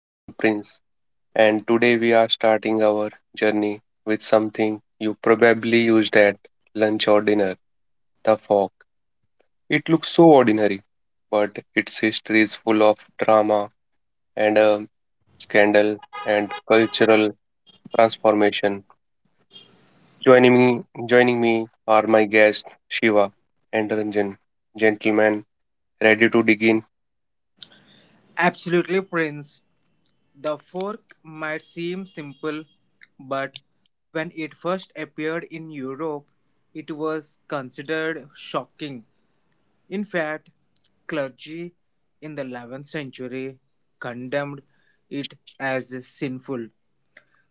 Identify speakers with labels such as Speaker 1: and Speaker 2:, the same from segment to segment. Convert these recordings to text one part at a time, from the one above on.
Speaker 1: I am Prince, and today we are starting our journey with something you probably used at lunch or dinner the fork. It looks so ordinary, but its history is full of drama and scandal and cultural transformation. Joining me, joining me are my guests Shiva and Ranjan, gentlemen ready to dig in.
Speaker 2: Absolutely, Prince. The fork might seem simple, but when it first appeared in Europe, it was considered shocking. In fact, clergy in the 11th century condemned it as sinful.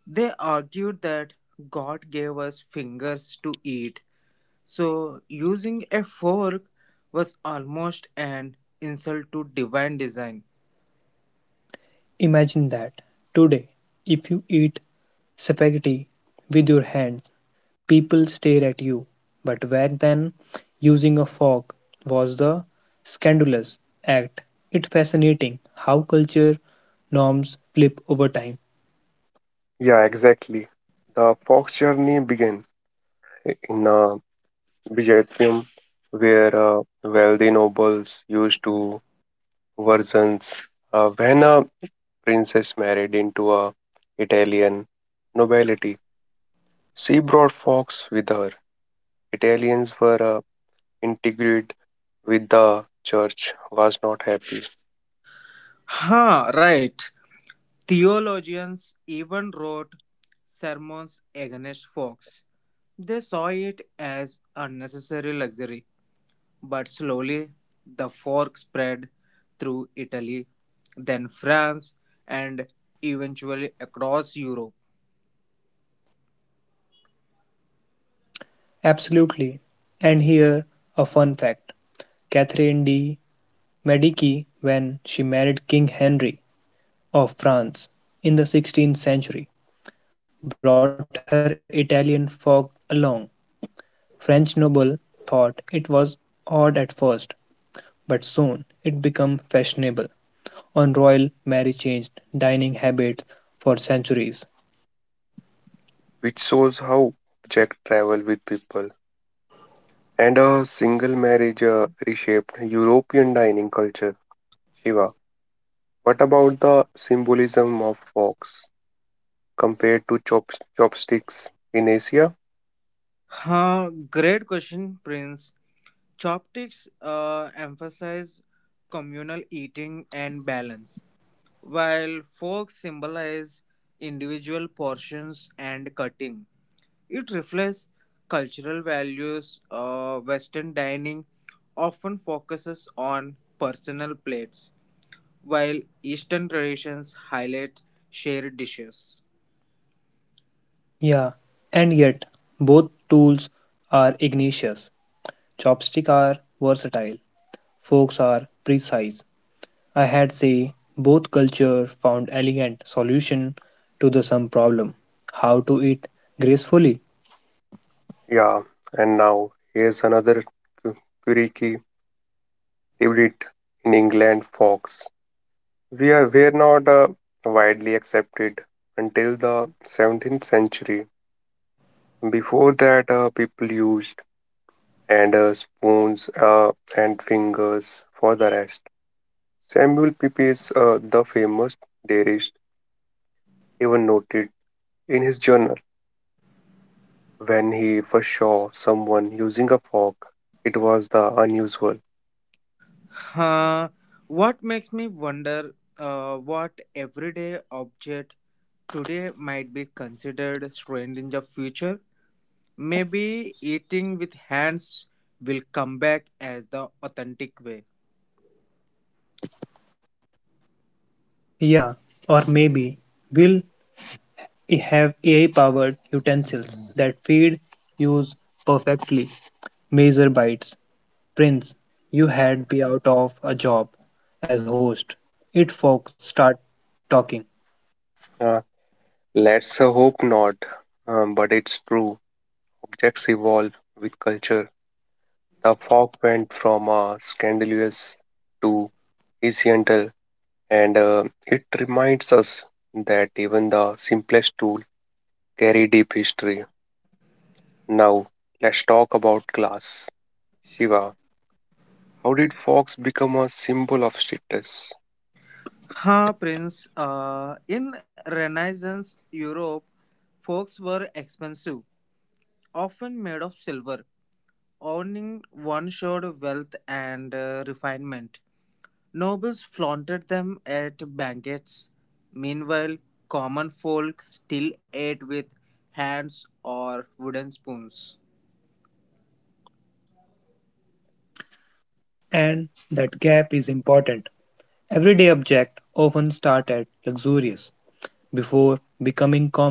Speaker 2: They argued that God gave us fingers to eat, so using a fork was almost an insult to divine design.
Speaker 3: Imagine that. Today, if you eat spaghetti with your hands, people stare at you. But back then, using a fork was the scandalous act. It's fascinating how culture norms flip over time.
Speaker 1: Yeah, exactly. The Fox journey begins in Byzantium, where wealthy nobles used to versions. When a princess married into a Italian nobility, she brought Fox with her. Italians were integrated with the church, was not happy,
Speaker 2: Ha, right. Theologians even wrote sermons against Fox. They saw it as unnecessary luxury, but slowly the fork spread through Italy, then France, and eventually across Europe.
Speaker 3: Absolutely. And here, a fun fact Catherine de' Medici, when she married King Henry of France in the 16th century, brought her Italian fork along French noble thought it was odd at first, but soon it became fashionable, and royal Mary changed dining habits for centuries.
Speaker 1: which shows how Jack traveled with people. And a single marriage reshaped European dining culture. Shiva. What about the symbolism of forks compared to chopsticks in Asia?
Speaker 2: Great question, Prince. Chopsticks emphasize communal eating and balance, while forks symbolize individual portions and cutting. It reflects cultural values. Western dining often focuses on personal plates, while Eastern traditions highlight shared dishes.
Speaker 3: Yeah, and yet both tools are ingenious. Chopsticks are versatile, forks are precise. I had say both culture found elegant solution to the same problem. How to eat gracefully?
Speaker 1: Yeah, and now here's another cu- quirky hybrid in England forks. We are were not widely accepted until the 17th century. Before that, people used and spoons and fingers for the rest. Samuel Pepys, the famous diarist, even noted in his journal when he first saw someone using a fork, it was the unusual.
Speaker 2: Huh, what makes me wonder what everyday object today might be considered strange in the future? Maybe eating with hands will come back as the authentic way.
Speaker 3: Yeah, or maybe will we have AI-powered utensils that feed use perfectly. Measure bites. Prince, you had be out of a job as host. It folk start talking.
Speaker 1: Uh, let's hope not, but it's true. Objects evolve with culture. The fork went from scandalous to essential, and it reminds us that even the simplest tool carry deep history. Now, let's talk about class. Shiva, how did forks become a symbol of status?
Speaker 2: Ha, Prince. In Renaissance Europe, forks were expensive, often made of silver. Owning one showed wealth and refinement. Nobles flaunted them at banquets. Meanwhile, common folk still ate with hands or wooden spoons.
Speaker 3: And that gap is important. Everyday objects often start at luxurious before becoming common.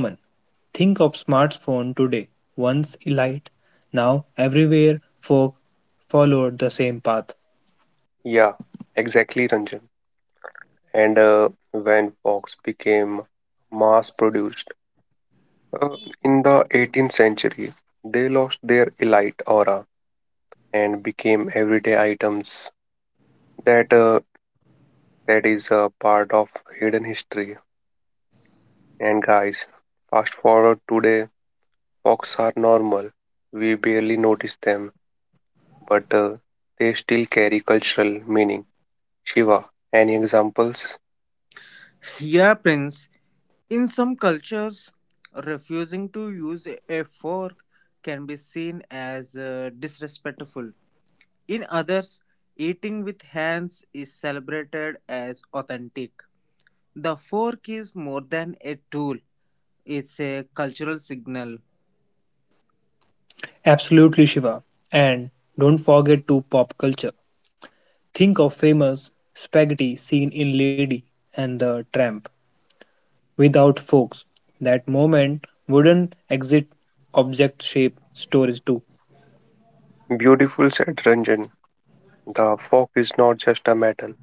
Speaker 3: Think of smartphone today, once elite, now everywhere folk followed the same path.
Speaker 1: Yeah, exactly, Ranjan, and when fox became mass produced uh, in the 18th century, they lost their elite aura and became everyday items that uh, that is a part of hidden history. And guys, fast forward today, fox are normal, we barely notice them, but they still carry cultural meaning. Shiva, any examples?
Speaker 2: Yeah, Prince. In some cultures, refusing to use a fork can be seen as disrespectful. In others, eating with hands is celebrated as authentic. The fork is more than a tool, it's a cultural signal.
Speaker 3: Absolutely, Shiva. And don't forget to pop culture. Think of famous spaghetti scene in Lady and the Tramp. Without forks, that moment wouldn't exist object shape stories too.
Speaker 1: Beautiful said, Ranjan. The fork is not just a metal.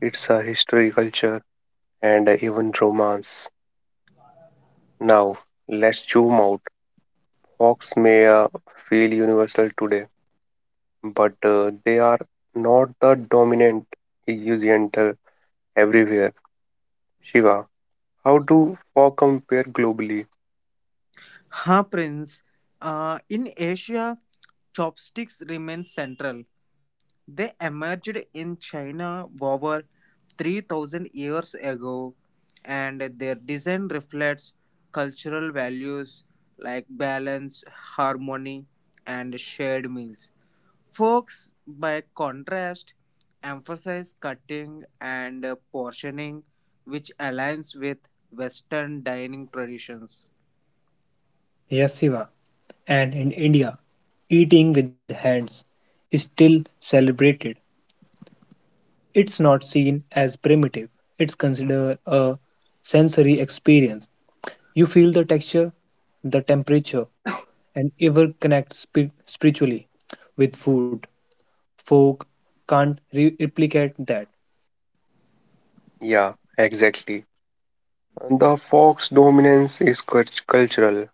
Speaker 1: It's a history, culture, and even romance. Now, let's zoom out. Hawks may feel universal today, but they are not the dominant usant everywhere. Shiva, how do fog compare globally?
Speaker 2: Ha, Prince. In Asia, chopsticks remain central. They emerged in China over 3,000 years ago, and their design reflects cultural values like balance, harmony, and shared meals. Forks, by contrast, emphasize cutting and portioning, which aligns with Western dining traditions.
Speaker 3: Yes, Shiva. And in India, eating with hands is still celebrated. It's not seen as primitive, it's considered a sensory experience. You feel the texture, the temperature, and ever connect spiritually with food. Folk can't replicate that.
Speaker 1: Yeah, exactly. The fog's dominance is cultural,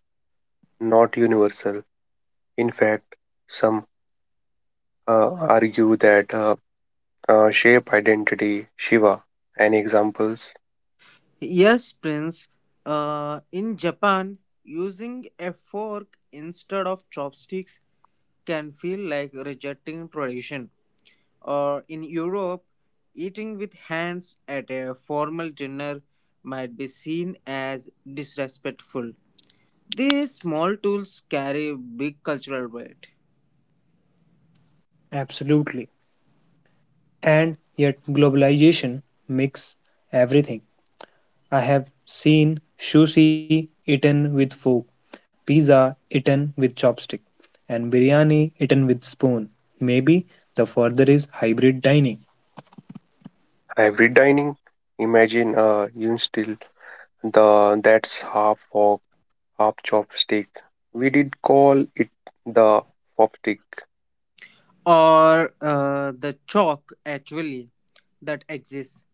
Speaker 1: not universal. In fact, some uh, argue that shape identity. Shiva, any examples?
Speaker 2: Yes, Prince. In Japan, using a fork instead of chopsticks can feel like rejecting tradition. Or in Europe, eating with hands at a formal dinner might be seen as disrespectful. These small tools carry big cultural weight.
Speaker 3: Absolutely. And yet, globalization makes everything. I have seen sushi eaten with fork, pizza eaten with chopstick, and biryani eaten with spoon. Maybe the further is hybrid dining.
Speaker 1: Hybrid dining. Imagine a yun still the that's half fork, half chopstick. We did call it the forkstick,
Speaker 2: Or the chalk, actually, that exists.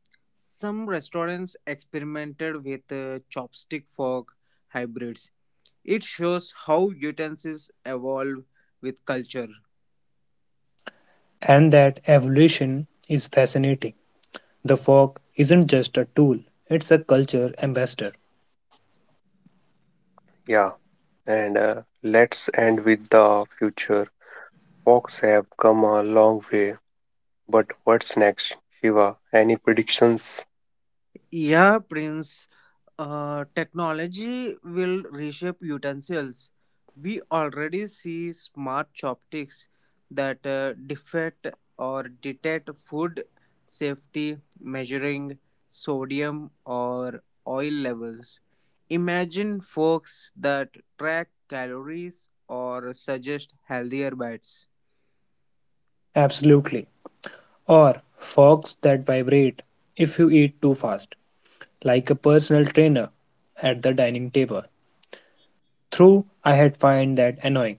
Speaker 2: Some restaurants experimented with chopstick fork hybrids. It shows how utensils evolve with culture.
Speaker 3: And that evolution is fascinating. The fork isn't just a tool, it's a culture ambassador.
Speaker 1: yeah. And let's end with the future. Forks have come a long way, but what's next, Shiva? Any predictions?
Speaker 2: Yeah, Prince. Technology will reshape utensils. We already see smart chopsticks that defect or detect food safety, measuring sodium or oil levels. Imagine forks that track calories or suggest healthier bites.
Speaker 3: Absolutely. Or forks that vibrate if you eat too fast, like a personal trainer at the dining table. Through, I had find that annoying.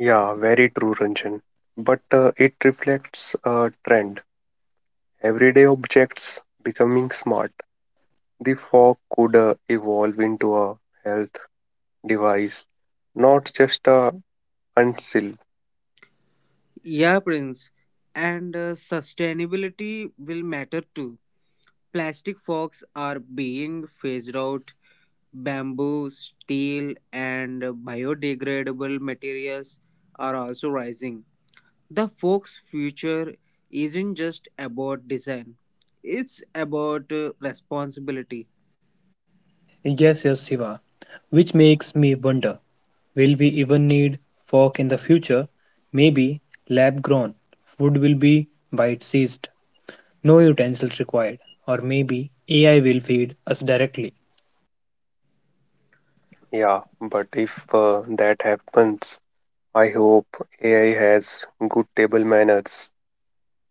Speaker 1: Yeah, very true, Ranjan. But it reflects a trend. Everyday objects becoming smart. The fork could evolve into a health device, not just a uncill.
Speaker 2: Yeah, Prince. And sustainability will matter too. Plastic forks are being phased out. Bamboo, steel, and biodegradable materials are also rising. The fork's future isn't just about design, it's about responsibility.
Speaker 3: Yes, yes, Shiva. Which makes me wonder, will we even need fork in the future? Maybe lab grown food will be bite seized, no utensils required, or maybe AI will feed us directly.
Speaker 1: Yeah, but if that happens, I hope AI has good table manners.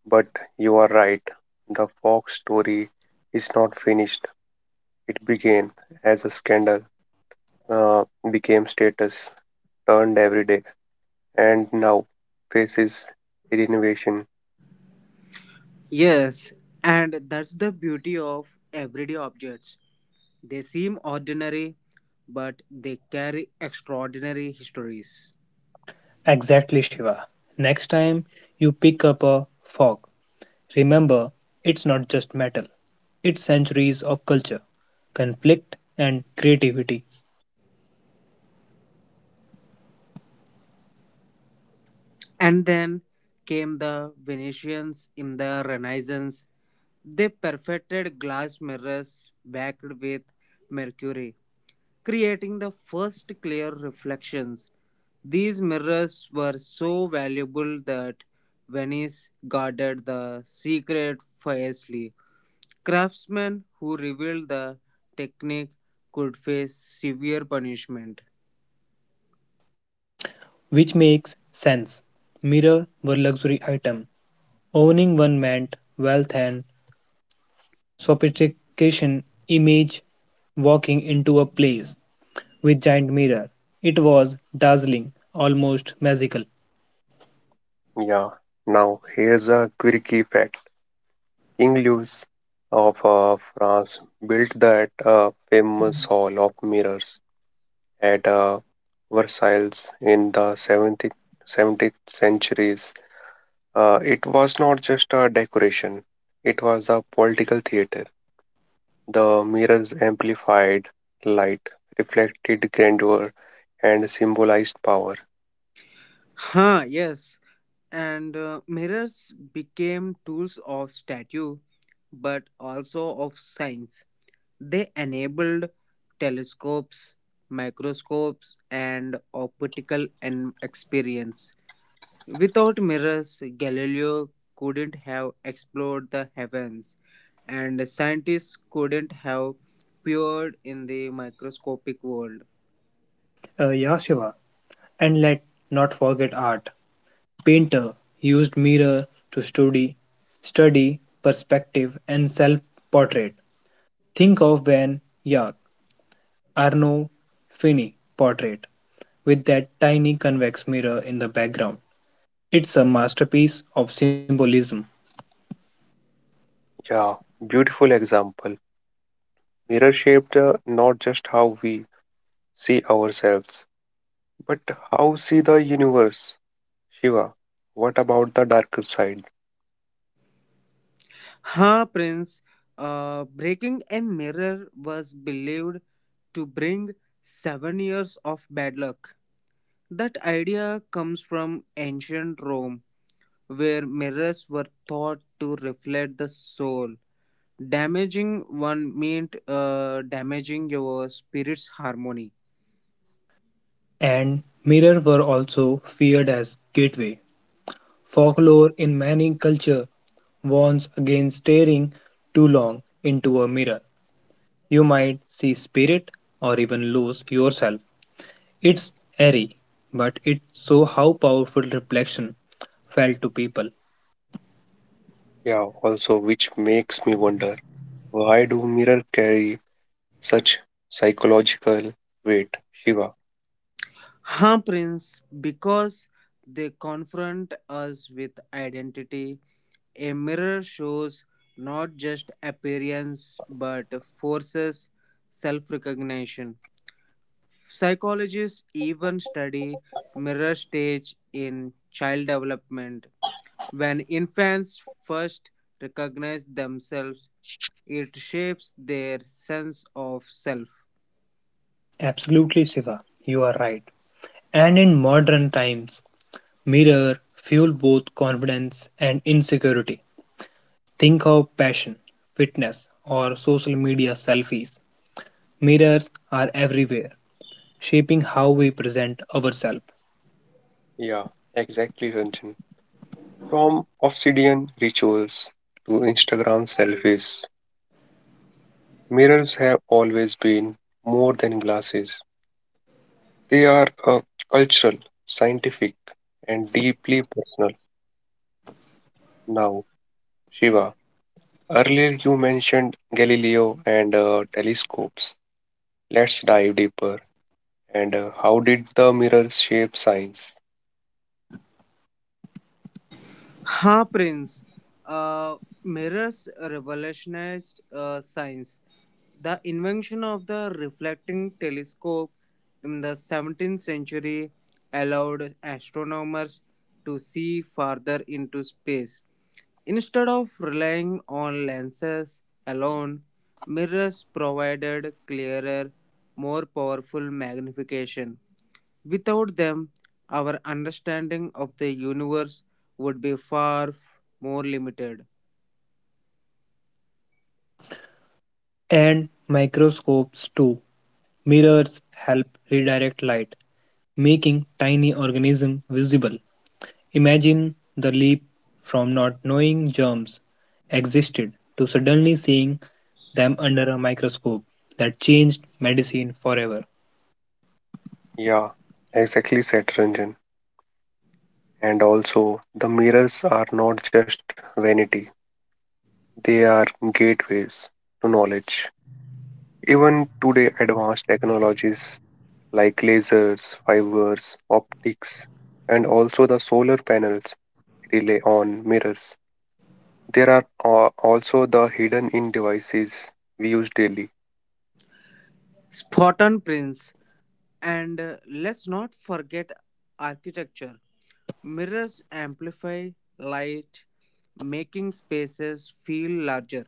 Speaker 1: But you are right, the Fox story is not finished. It began as a scandal, uh, became status, turned every day, and now faces renovation.
Speaker 2: Yes, and that's the beauty of everyday objects. They seem ordinary, but they carry extraordinary histories.
Speaker 3: Exactly, Shiva. Next time you pick up a fog, remember it's not just metal, it's centuries of culture, conflict, and creativity,
Speaker 2: And then came the Venetians in the Renaissance. They perfected glass mirrors backed with mercury, creating the first clear reflections. These mirrors were so valuable that Venice guarded the secret fiercely. Craftsmen who revealed the technique could face severe punishment.
Speaker 3: which makes sense. Mirror were luxury item. Owning one meant wealth and sophistication. Image walking into a place with giant mirror. It was dazzling, almost magical.
Speaker 1: Yeah, now here's a quirky fact. King Louis of France built that famous Hall of Mirrors at Versailles in the 17th centuries. It was not just a decoration, it was a political theater. The mirrors amplified light, reflected grandeur, and symbolized power.
Speaker 2: Ha, yes, and mirrors became tools of statue but also of science. They enabled telescopes, microscopes, and optical and experience. Without mirrors, Galileo couldn't have explored the heavens, and scientists couldn't have peered in the microscopic world.
Speaker 3: Yeah, Shiva. And let not forget art. Painter used mirror to study perspective and self-portrait. Think of Van Eyck, Arno Fini portrait with that tiny convex mirror in the background. It's a masterpiece of symbolism.
Speaker 1: Yeah, beautiful example. Mirror shaped not just how we see ourselves, but how see the universe? Shiva, what about the darker side?
Speaker 2: Ha, Prince. Breaking a mirror was believed to bring 7 years of bad luck. That idea comes from ancient Rome, where mirrors were thought to reflect the soul. Damaging one meant damaging your spirit's harmony.
Speaker 3: And mirrors were also feared as gateway. Folklore in many cultures warns against staring too long into a mirror. You might see spirit or even lose yourself. It's airy, but it show how powerful reflection felt to people.
Speaker 1: Yeah, also, which makes me wonder why do mirrors carry such psychological weight? Shiva,
Speaker 2: Prince, because they confront us with identity. A mirror shows not just appearance but forces self recognition. Psychologists even study mirror stage in child development. When infants first recognize themselves, it shapes their sense of self.
Speaker 3: Absolutely, Shiva, you are right. And in modern times, mirror fuel both confidence and insecurity. Think of passion, fitness, or social media selfies. Mirrors are everywhere, shaping how we present ourselves.
Speaker 1: yeah, exactly, Ranjan. From obsidian rituals to Instagram selfies, mirrors have always been more than glasses. They are cultural, scientific, and deeply personal. Now, Shiva, earlier, you mentioned Galileo and telescopes. Let's dive deeper. And how did the mirrors shape science?
Speaker 2: हाँ, Prince. Uh, Mirrors revolutionized science. The invention of the reflecting telescope in the 17th century allowed astronomers to see farther into space. Instead of relying on lenses alone, mirrors provided clearer, more powerful magnification. Without them, our understanding of the universe would be far more limited.
Speaker 3: And microscopes too. Mirrors help redirect light, making tiny organisms visible. Imagine the leap from not knowing germs existed to suddenly seeing them under a microscope that changed medicine forever.
Speaker 1: Yeah, exactly, Satranjan. And also, the mirrors are not just vanity, they are gateways to knowledge. Even today, advanced technologies like lasers, fibers, optics, and also the solar panels rely on mirrors. There are also the hidden in devices we use daily.
Speaker 2: Spot on, Prince. And let's not forget architecture. Mirrors amplify light, making spaces feel larger.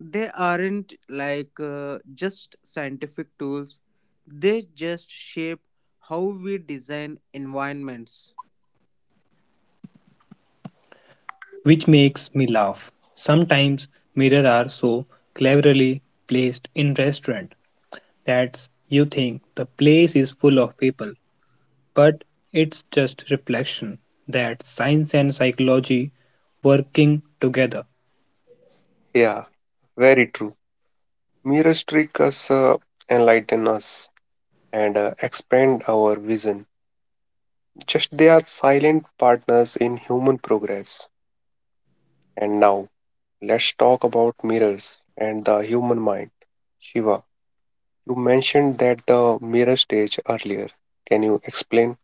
Speaker 2: They aren't like just scientific tools, they just shape how we design environments.
Speaker 3: Which makes me laugh. Sometimes mirrors are so cleverly placed in restaurants that you think the place is full of people, but it's just reflection that science and psychology working together.
Speaker 1: Yeah, very true. Mirrors trick us, enlighten us, and expand our vision. Just they are silent partners in human progress. And now, let's talk about mirrors and the human mind. Shiva, you mentioned that the mirror stage earlier. Can you explain?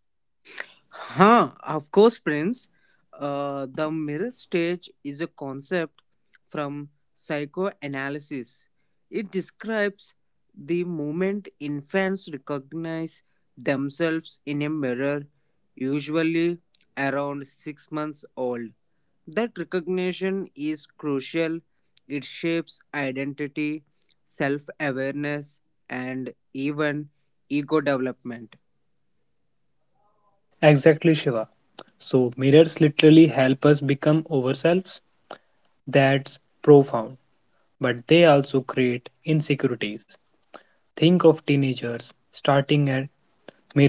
Speaker 2: Of course, Prince. The mirror stage is a concept from psychoanalysis. It describes the moment infants recognize themselves in a mirror, usually around 6 months old. That recognition is crucial. It shapes identity, self awareness, and even ego development.
Speaker 3: Exactly, Shiva. So, mirrors literally help us become ourselves. That's profound. But they also create insecurities. Think of teenagers starting at mirror,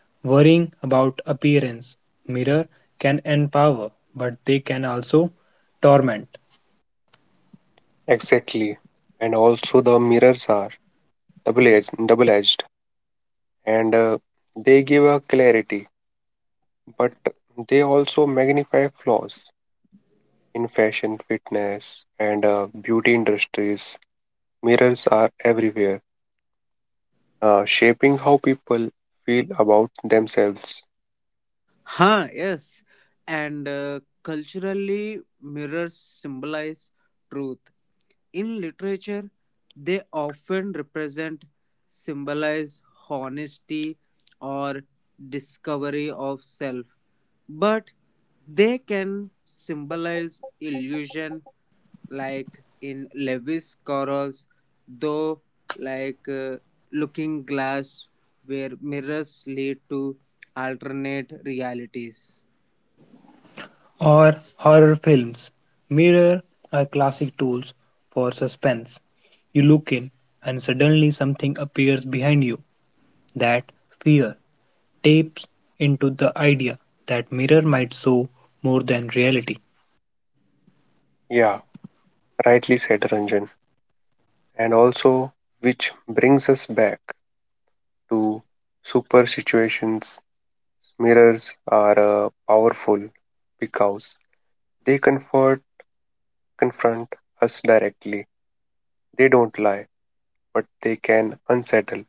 Speaker 3: worrying about appearance. Mirror can empower, but they can also torment.
Speaker 1: Exactly. And also, the mirrors are double edged and they give a clarity but they also magnify flaws in fashion, fitness, and beauty industries. Mirrors are everywhere, shaping how people feel about themselves.
Speaker 2: Yes. And culturally, mirrors symbolize truth. In literature, they often represent, symbolize honesty or discovery of self. But they can symbolize illusion, like in Lewis Carroll's though like Looking Glass, where mirrors lead to alternate realities.
Speaker 3: Or horror films. Mirror are classic tools for suspense. You look in, and suddenly something appears behind you that fear tapes into the idea that mirror might show more than reality.
Speaker 1: Yeah, rightly said, Ranjan. And also, which brings us back to super situations. Mirrors are powerful because they comfort, confront us directly. They don't lie, but they can unsettle.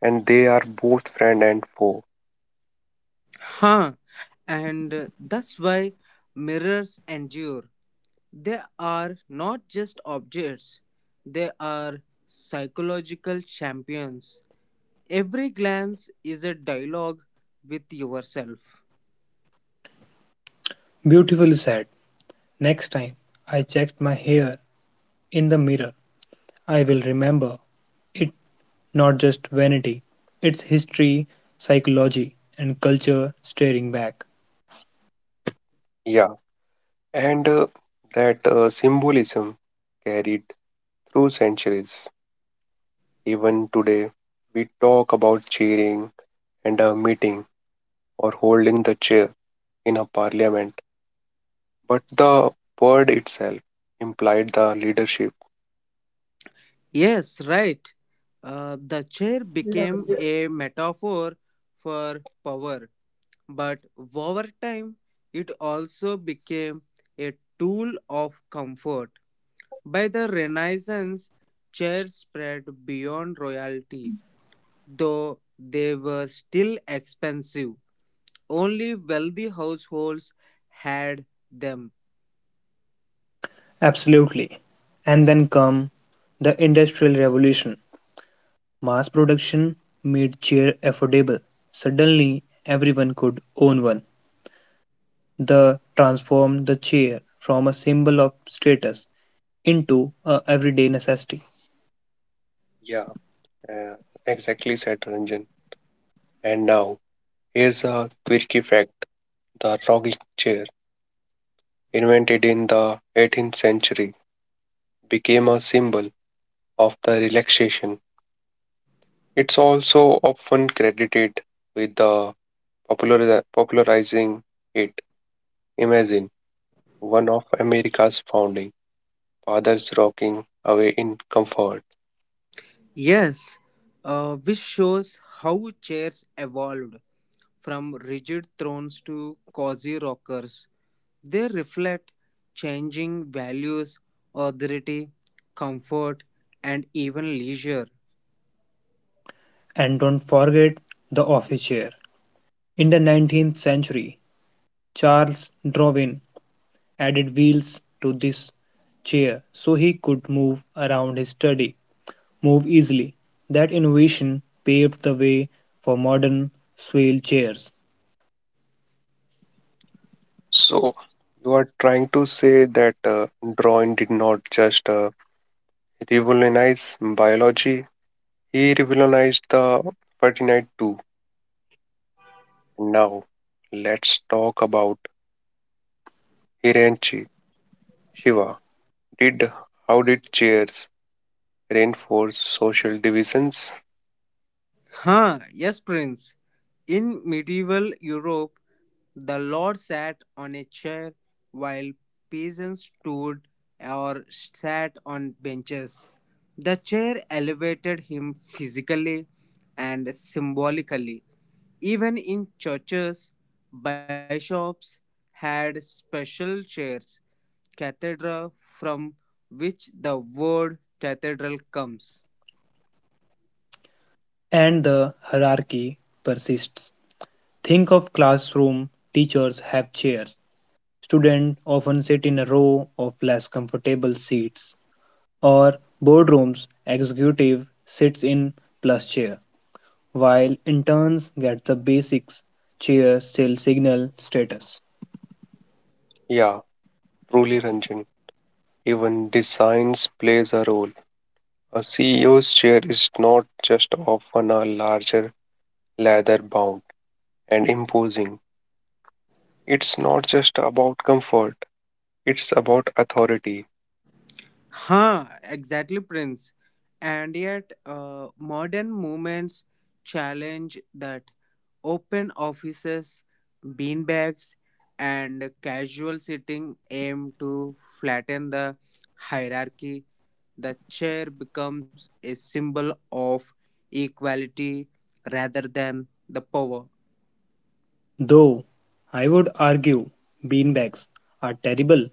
Speaker 1: And they are both friend and foe.
Speaker 2: Huh. And that's why mirrors endure. They are not just objects, they are psychological champions. Every glance is a dialogue with yourself.
Speaker 3: Beautifully said. Next time I checked my hair in the mirror, I will remember it not just vanity, it's history, psychology, and culture staring back.
Speaker 1: Yeah, and that symbolism carried through centuries. Even today, we talk about cheering and a meeting or holding the chair in a parliament, but the word itself implied the leadership.
Speaker 2: Yes, right. The chair became a metaphor for power, but over time it also became a tool of comfort. By the Renaissance, chairs spread beyond royalty, though they were still expensive. Only wealthy households had them.
Speaker 3: Absolutely. And then come the Industrial Revolution. Mass production made chair affordable. Suddenly, everyone could own one. The transformed the chair from a symbol of status into a everyday necessity.
Speaker 1: Yeah, uh, exactly said, Ranjan. And now, here's a quirky fact the rocking chair, invented in the 18th century, became a symbol of the relaxation. It's also often credited with the popularizing it. Imagine one of America's founding fathers rocking away in comfort.
Speaker 2: Yes, which shows how chairs evolved from rigid thrones to cozy rockers. They reflect changing values, authority, comfort, and even leisure.
Speaker 3: And don't forget the office chair. In the 19th century, Charles Darwin added wheels to this chair so he could move around his study, move easily. That innovation paved the way for modern swivel chairs.
Speaker 1: So, you are trying to say that Darwin did not just revolutionize biology, he revolutionized the fraternity too. Now, let's talk about Hiranchi Shiva. Did How did chairs reinforce social divisions?
Speaker 2: Yes, Prince. In medieval Europe, the lord sat on a chair while peasants stood or sat on benches. The chair elevated him physically and symbolically. Even in churches, bishops had special chairs, cathedra, from which the word cathedral comes.
Speaker 3: And the hierarchy persists. Think of classroom, teachers have chairs. Students often sit in a row of less comfortable seats. Or boardrooms executive sits in plus chair, while interns get the basics chair still signal status.
Speaker 1: Yeah, truly, Ranjan, even designs plays a role. A CEO's chair is not just often a larger, leather bound, and imposing. It's not just about comfort, it's about authority.
Speaker 2: Exactly, Prince. And yet, modern movements challenge that. Open offices, beanbags, and casual sitting aim to flatten the hierarchy. The chair becomes a symbol of equality rather than the power.
Speaker 3: Though I would argue beanbags are terrible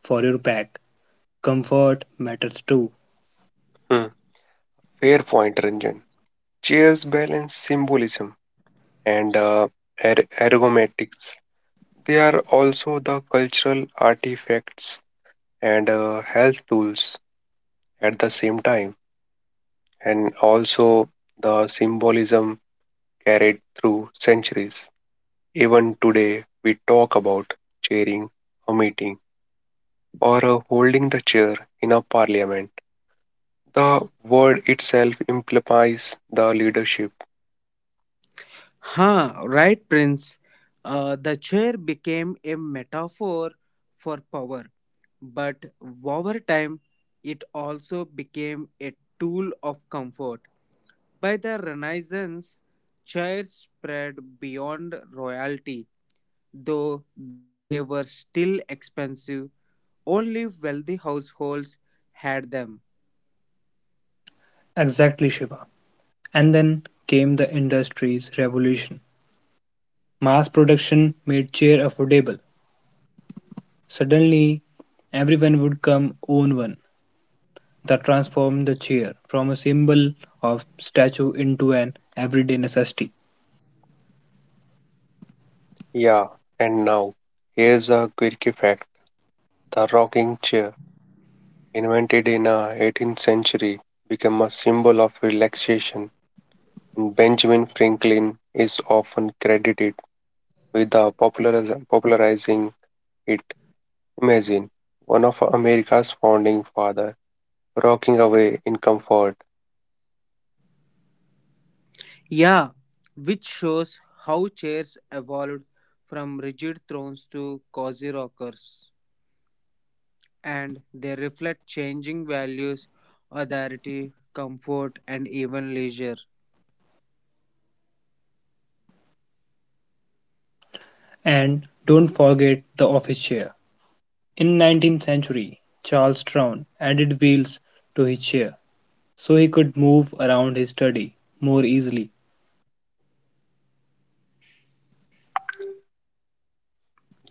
Speaker 3: for your back. Comfort matters too.
Speaker 1: Hmm. Fair point, Ranjan. Chairs balance symbolism and ergonomics. They are also the cultural artifacts and health tools at the same time, and also the symbolism carried through centuries. Even today, we talk about chairing a meeting or holding the chair in a parliament. The word itself implies the leadership.
Speaker 2: Right, Prince. The chair became a metaphor for power, but over time, it also became a tool of comfort. By the Renaissance, chairs spread beyond royalty, though they were still expensive. Only wealthy households had them.
Speaker 3: Exactly, Shiva. And then came the industry's revolution. Mass production made chair affordable. Suddenly, everyone would come own one. That transformed the chair from a symbol of statue into an everyday necessity.
Speaker 1: Yeah, and now, here's a quirky fact the rocking chair, invented in the 18th century, became a symbol of relaxation, and Benjamin Franklin is often credited with the popularizing it. Imagine one of America's founding father rocking away in comfort.
Speaker 2: Yeah, which shows how chairs evolved from rigid thrones to cozy rockers, and they reflect changing values, authority, comfort, and even leisure.
Speaker 3: And don't forget the office chair. In 19th century, Charles Trown added wheels to his chair so he could move around his study more easily.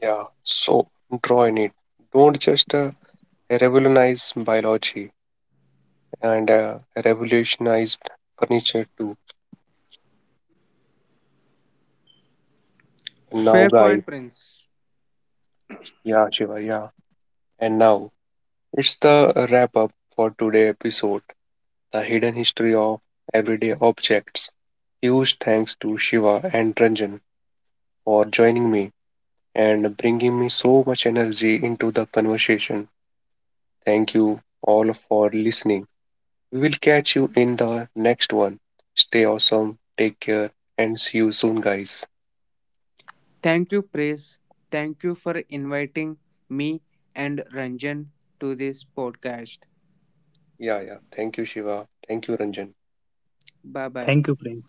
Speaker 1: Yeah, so draw in it. Don't just revolutionize biology and revolutionized furniture too. Now,
Speaker 2: Fair
Speaker 1: guys,
Speaker 2: point, Prince.
Speaker 1: yeah, Shiva, yeah. And now it's the wrap up for today episode, the hidden history of everyday objects. Huge thanks to Shiva and Ranjan for joining me and bringing me so much energy into the conversation. Thank you all for listening. We will catch you in the next one. Stay awesome, take care, and see you soon, guys.
Speaker 2: Thank you, Praise. Thank you for inviting me and Ranjan to this podcast.
Speaker 1: Yeah, yeah. Thank you, Shiva. Thank you, Ranjan.
Speaker 2: Bye bye.
Speaker 3: Thank you, friends.